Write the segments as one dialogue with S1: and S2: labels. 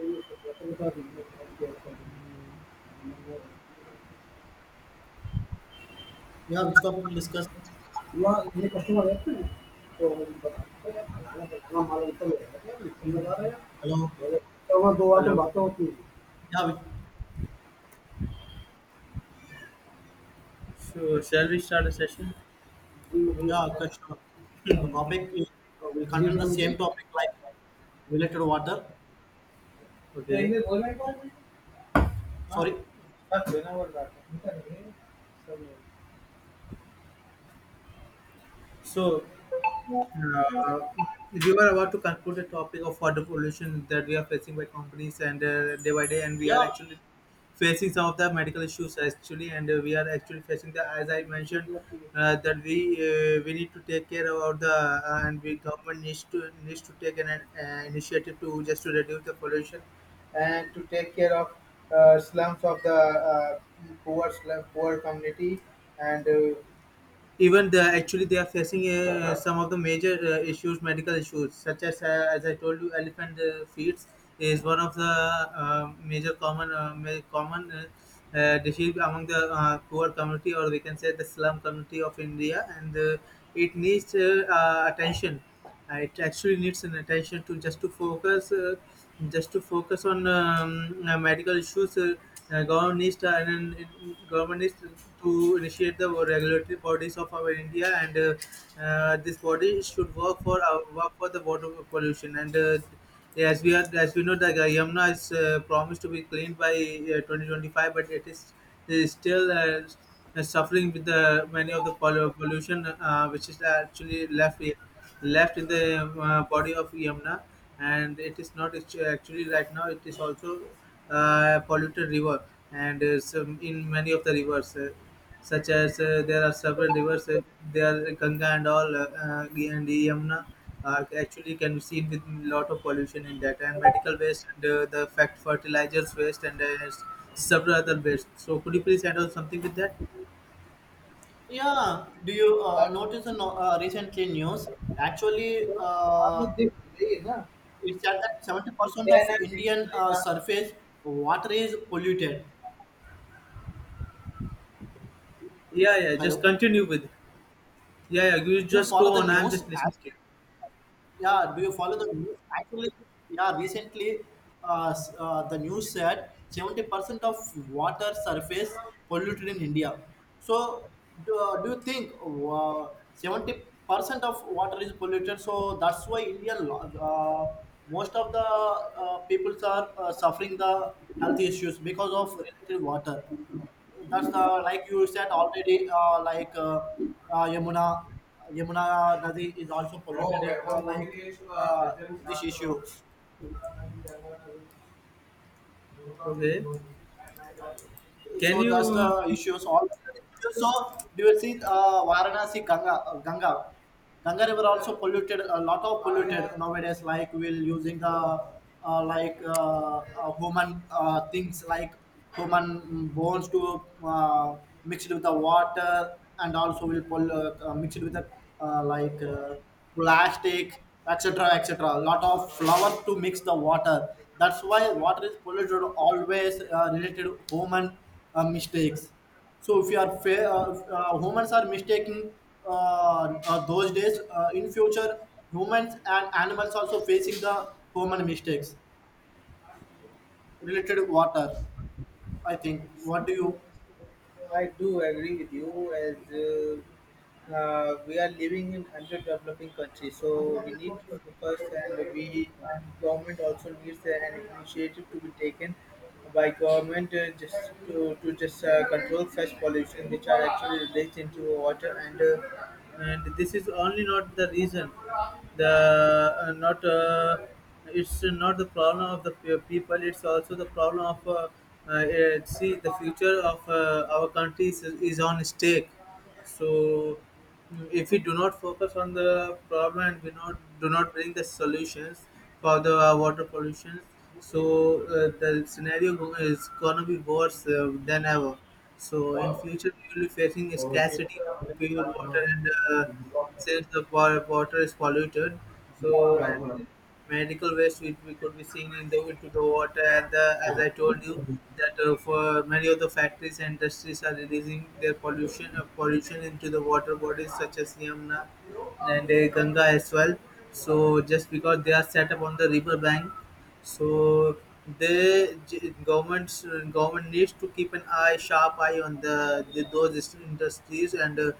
S1: ये
S2: Yeah, which topic we'll discuss?
S1: Customer है ना, तो हम बताते हैं, खाना कितना माल उनका लेगा क्या, हम बता रहे हैं।
S2: Hello.
S1: बोले, तो वहाँ दो आठ Hello. बातें होती हैं।
S2: Yeah, we,
S1: So, shall we start a session? जी, मुझे
S2: yeah,
S1: लगता है।
S2: question. The topic is, will
S1: मुझे
S2: contain
S1: इतना
S2: the
S1: मुझे
S2: same topic
S1: तो
S2: like Related to water.
S1: Okay. इन्हें बोला एक बार हाँ,
S2: Sorry.
S1: सब देना बोल रहा था. So, Uh, we were about to conclude the topic of water pollution that we are facing by companies and, day by day, and we are
S2: Yeah,
S1: actually facing some of the medical issues actually, and we are actually facing the, as I mentioned, that we need to take care about the, and we government needs to take an initiative to just to reduce the pollution and to take care of slums of the, poor slum, poor community and. Even the, actually they are facing some of the major issues, medical issues such as, as I told you, elephant feet is one of the major common common disease among the poor community, or we can say, the slum community of India, and it needs attention. It actually needs an attention to just to focus, just to focus on medical issues. Government needs to, and government needs to initiate the regulatory bodies of our India, and this body should work for, work for the water pollution, and as we are, as we know, the Yamuna is promised to be cleaned by 2025, but it is still suffering with the many of the pollution which is actually left here, left in the body of Yamuna, and it is not actually right now. It is also a polluted river, and some, in many of the rivers, such as, there are several rivers, there are Ganga and all, and Yamuna. Actually can be seen with lot of pollution in that, and medical waste, and the fact, fertilizers waste, and several other waste. So, could you please add on something with that?
S2: yeah. Do you
S1: ताकि
S2: notice in recently news? Actually,
S1: वो वहाँ
S2: uh,
S1: भी दिख रही है ना,
S2: it said that seventy
S1: कि
S2: percent
S1: क्या
S2: of
S1: नाम
S2: Indian
S1: है,
S2: surface water is polluted.
S1: Yeah, yeah. Just
S2: Hello.
S1: continue with. It. Yeah, yeah. You
S2: You
S1: just
S2: follow
S1: go
S2: the
S1: on. I'm
S2: news
S1: just listening
S2: as
S1: to you.
S2: Yeah, do you follow the news? Recently the news said 70% of water surface polluted in India. So, do you think 70% of water is polluted? So, that's why uh, most of the peoples are suffering the health issues because of related water that's the like you said already. Like Yamuna, Yamuna Nadi is also polluted. Uh, like uh, this issue.
S1: Okay. Can
S2: So that's
S1: you?
S2: the issues. All so do you see Varanasi Ganga River also polluted, a lot of polluted nowadays. Like we're using the human things like human bones to mixed with the water, and also mixed with the uh, like. Uh, plastic, etc., etc. A lot of flour to mix the water. That's why water is polluted always related to human mistakes. So if you are fa- humans are mistaking those days in future, humans and animals also facing the human mistakes related to water. I think. What do you?
S1: I do agree with you, as we are living in underdeveloping countries, so we need to focus, and we, and government also needs an initiative to be taken by government, just to just control such pollution which are actually released into water, and this is only not the reason, the not, it's not the problem of the people, it's also the problem of, see the future of our country is on stake. So, if we do not focus on the problem and we not do not bring the solutions for the water pollution, so the scenario is gonna be worse than ever. So, in future we will be facing a scarcity of pure water, and since the water is polluted, so, and medical waste which we could be seen in the, into the water, and the, as I told you that, for many of the factories and industries are releasing their pollution into the water bodies such as Yamuna, and Ganga as well. So, just because they are set up on the river bank, so the g- governments government needs to keep an eye, sharp eye on the those industries, and. Uh,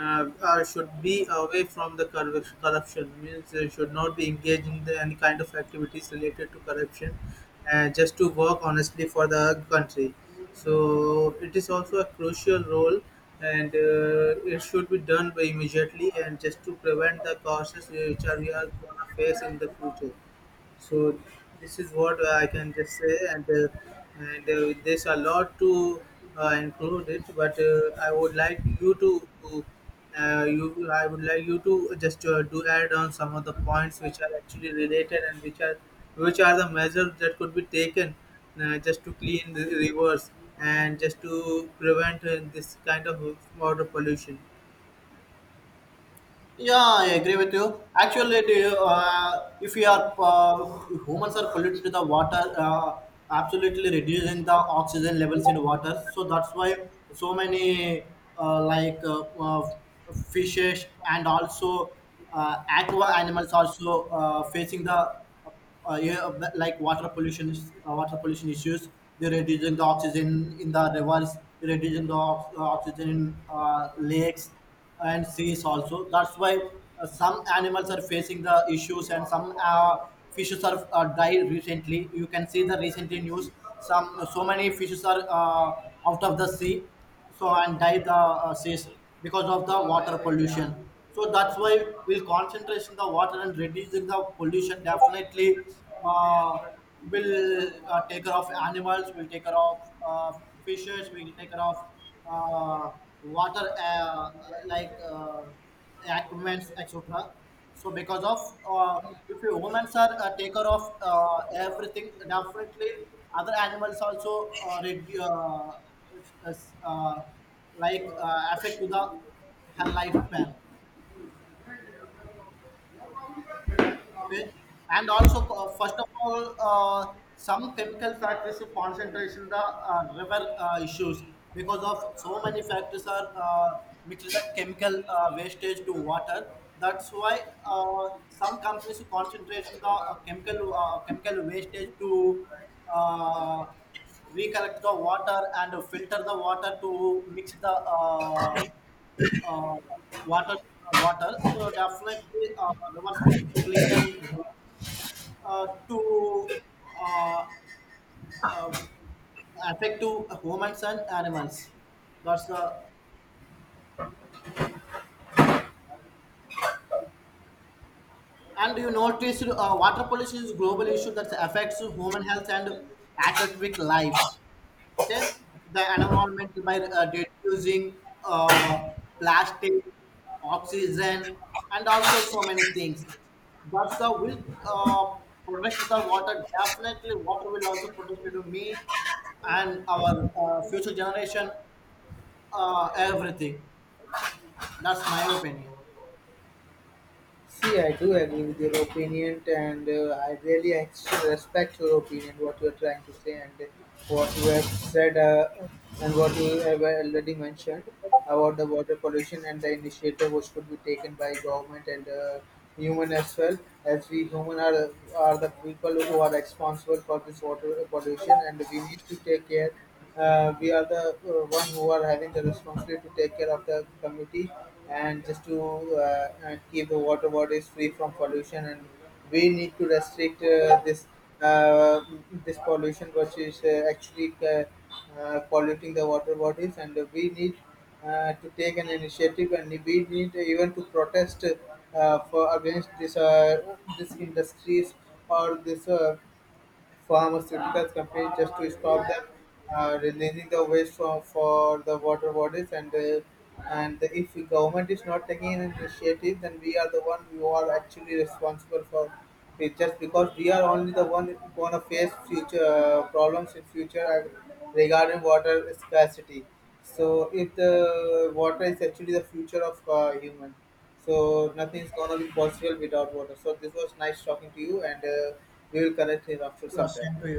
S1: uh, uh, Should be away from the corruption, means they should not be engaged in the, any kind of activities related to corruption, just to work honestly for the country. So, it is also a crucial role, and it should be done by immediately, and just to prevent the causes which are, we are going to face in the future. So, this is what I can just say, and there's a lot to include it, but I would like you to, you I would like you to just do add on some of the points which are actually related, and which are, which are the measures that could be taken just to clean the rivers, and just to prevent this kind of water pollution.
S2: Yeah, I agree with you. Actually, do you, if we are if humans are polluted with the water, absolutely reducing the oxygen levels in water. So that's why so many uh, like uh, uh, fishes and also aqua animals also facing the uh, yeah, like water pollution is water pollution issues. They reducing the oxygen in the rivers, reducing the oxygen in lakes and seas also. That's why some animals are facing the issues, and some fishes are died recently. You can see the recently news. Some, so many fishes are out of the sea, so and die the says because of the water pollution. So that's why we'll concentrate in the water, and reducing the pollution definitely uh, will take care of animals, will take care of uh, fishes, will take care of uh, water, like uh, aquaments, etc. So because of, uh, if you humans are a taker of everything, definitely other animals also uh, redu- uh, which is affect to the her lifespan. Okay, and also first of all, some chemical factors to concentration the river issues, because of so many factors are mixed the chemical wastage to water. That's why some companies to concentration the chemical wastage to uh, recollect the water and filter the water to mix the uh, water, water. So definitely rivers will clean and green to uh, uh, affect to humans and animals. That's the And you noticed water pollution is a global issue that affects human health and aquatic life. Okay, the environment by reducing uh, plastic, oxygen, and also so many things. But the will protect the water. Definitely, water will also protect to me and our future generation. Everything. That's my opinion.
S1: See, I do agree with your opinion, and I really respect your opinion, what you are trying to say, and what you have said, and what you have already mentioned about the water pollution and the initiative which could be taken by government, and human as well, as we human are the people who are responsible for this water pollution, and we need to take care, we are the, one who are having the responsibility to take care of the community, and just to keep the water bodies free from pollution, and we need to restrict, this uh, this pollution which is, actually polluting the water bodies, and we need to take an initiative, and we need even to protest, for against this, this industries, or this pharmaceuticals companies, just to stop them releasing the waste from, for the water bodies, and if the government is not taking an initiative, then we are the one who are actually responsible for it, just because we are only the one going to face future problems in future, and regarding water scarcity. So, if the water is actually the future of human, so nothing is gonna be possible without water. So, this was nice talking to you, and we will connect here after some time.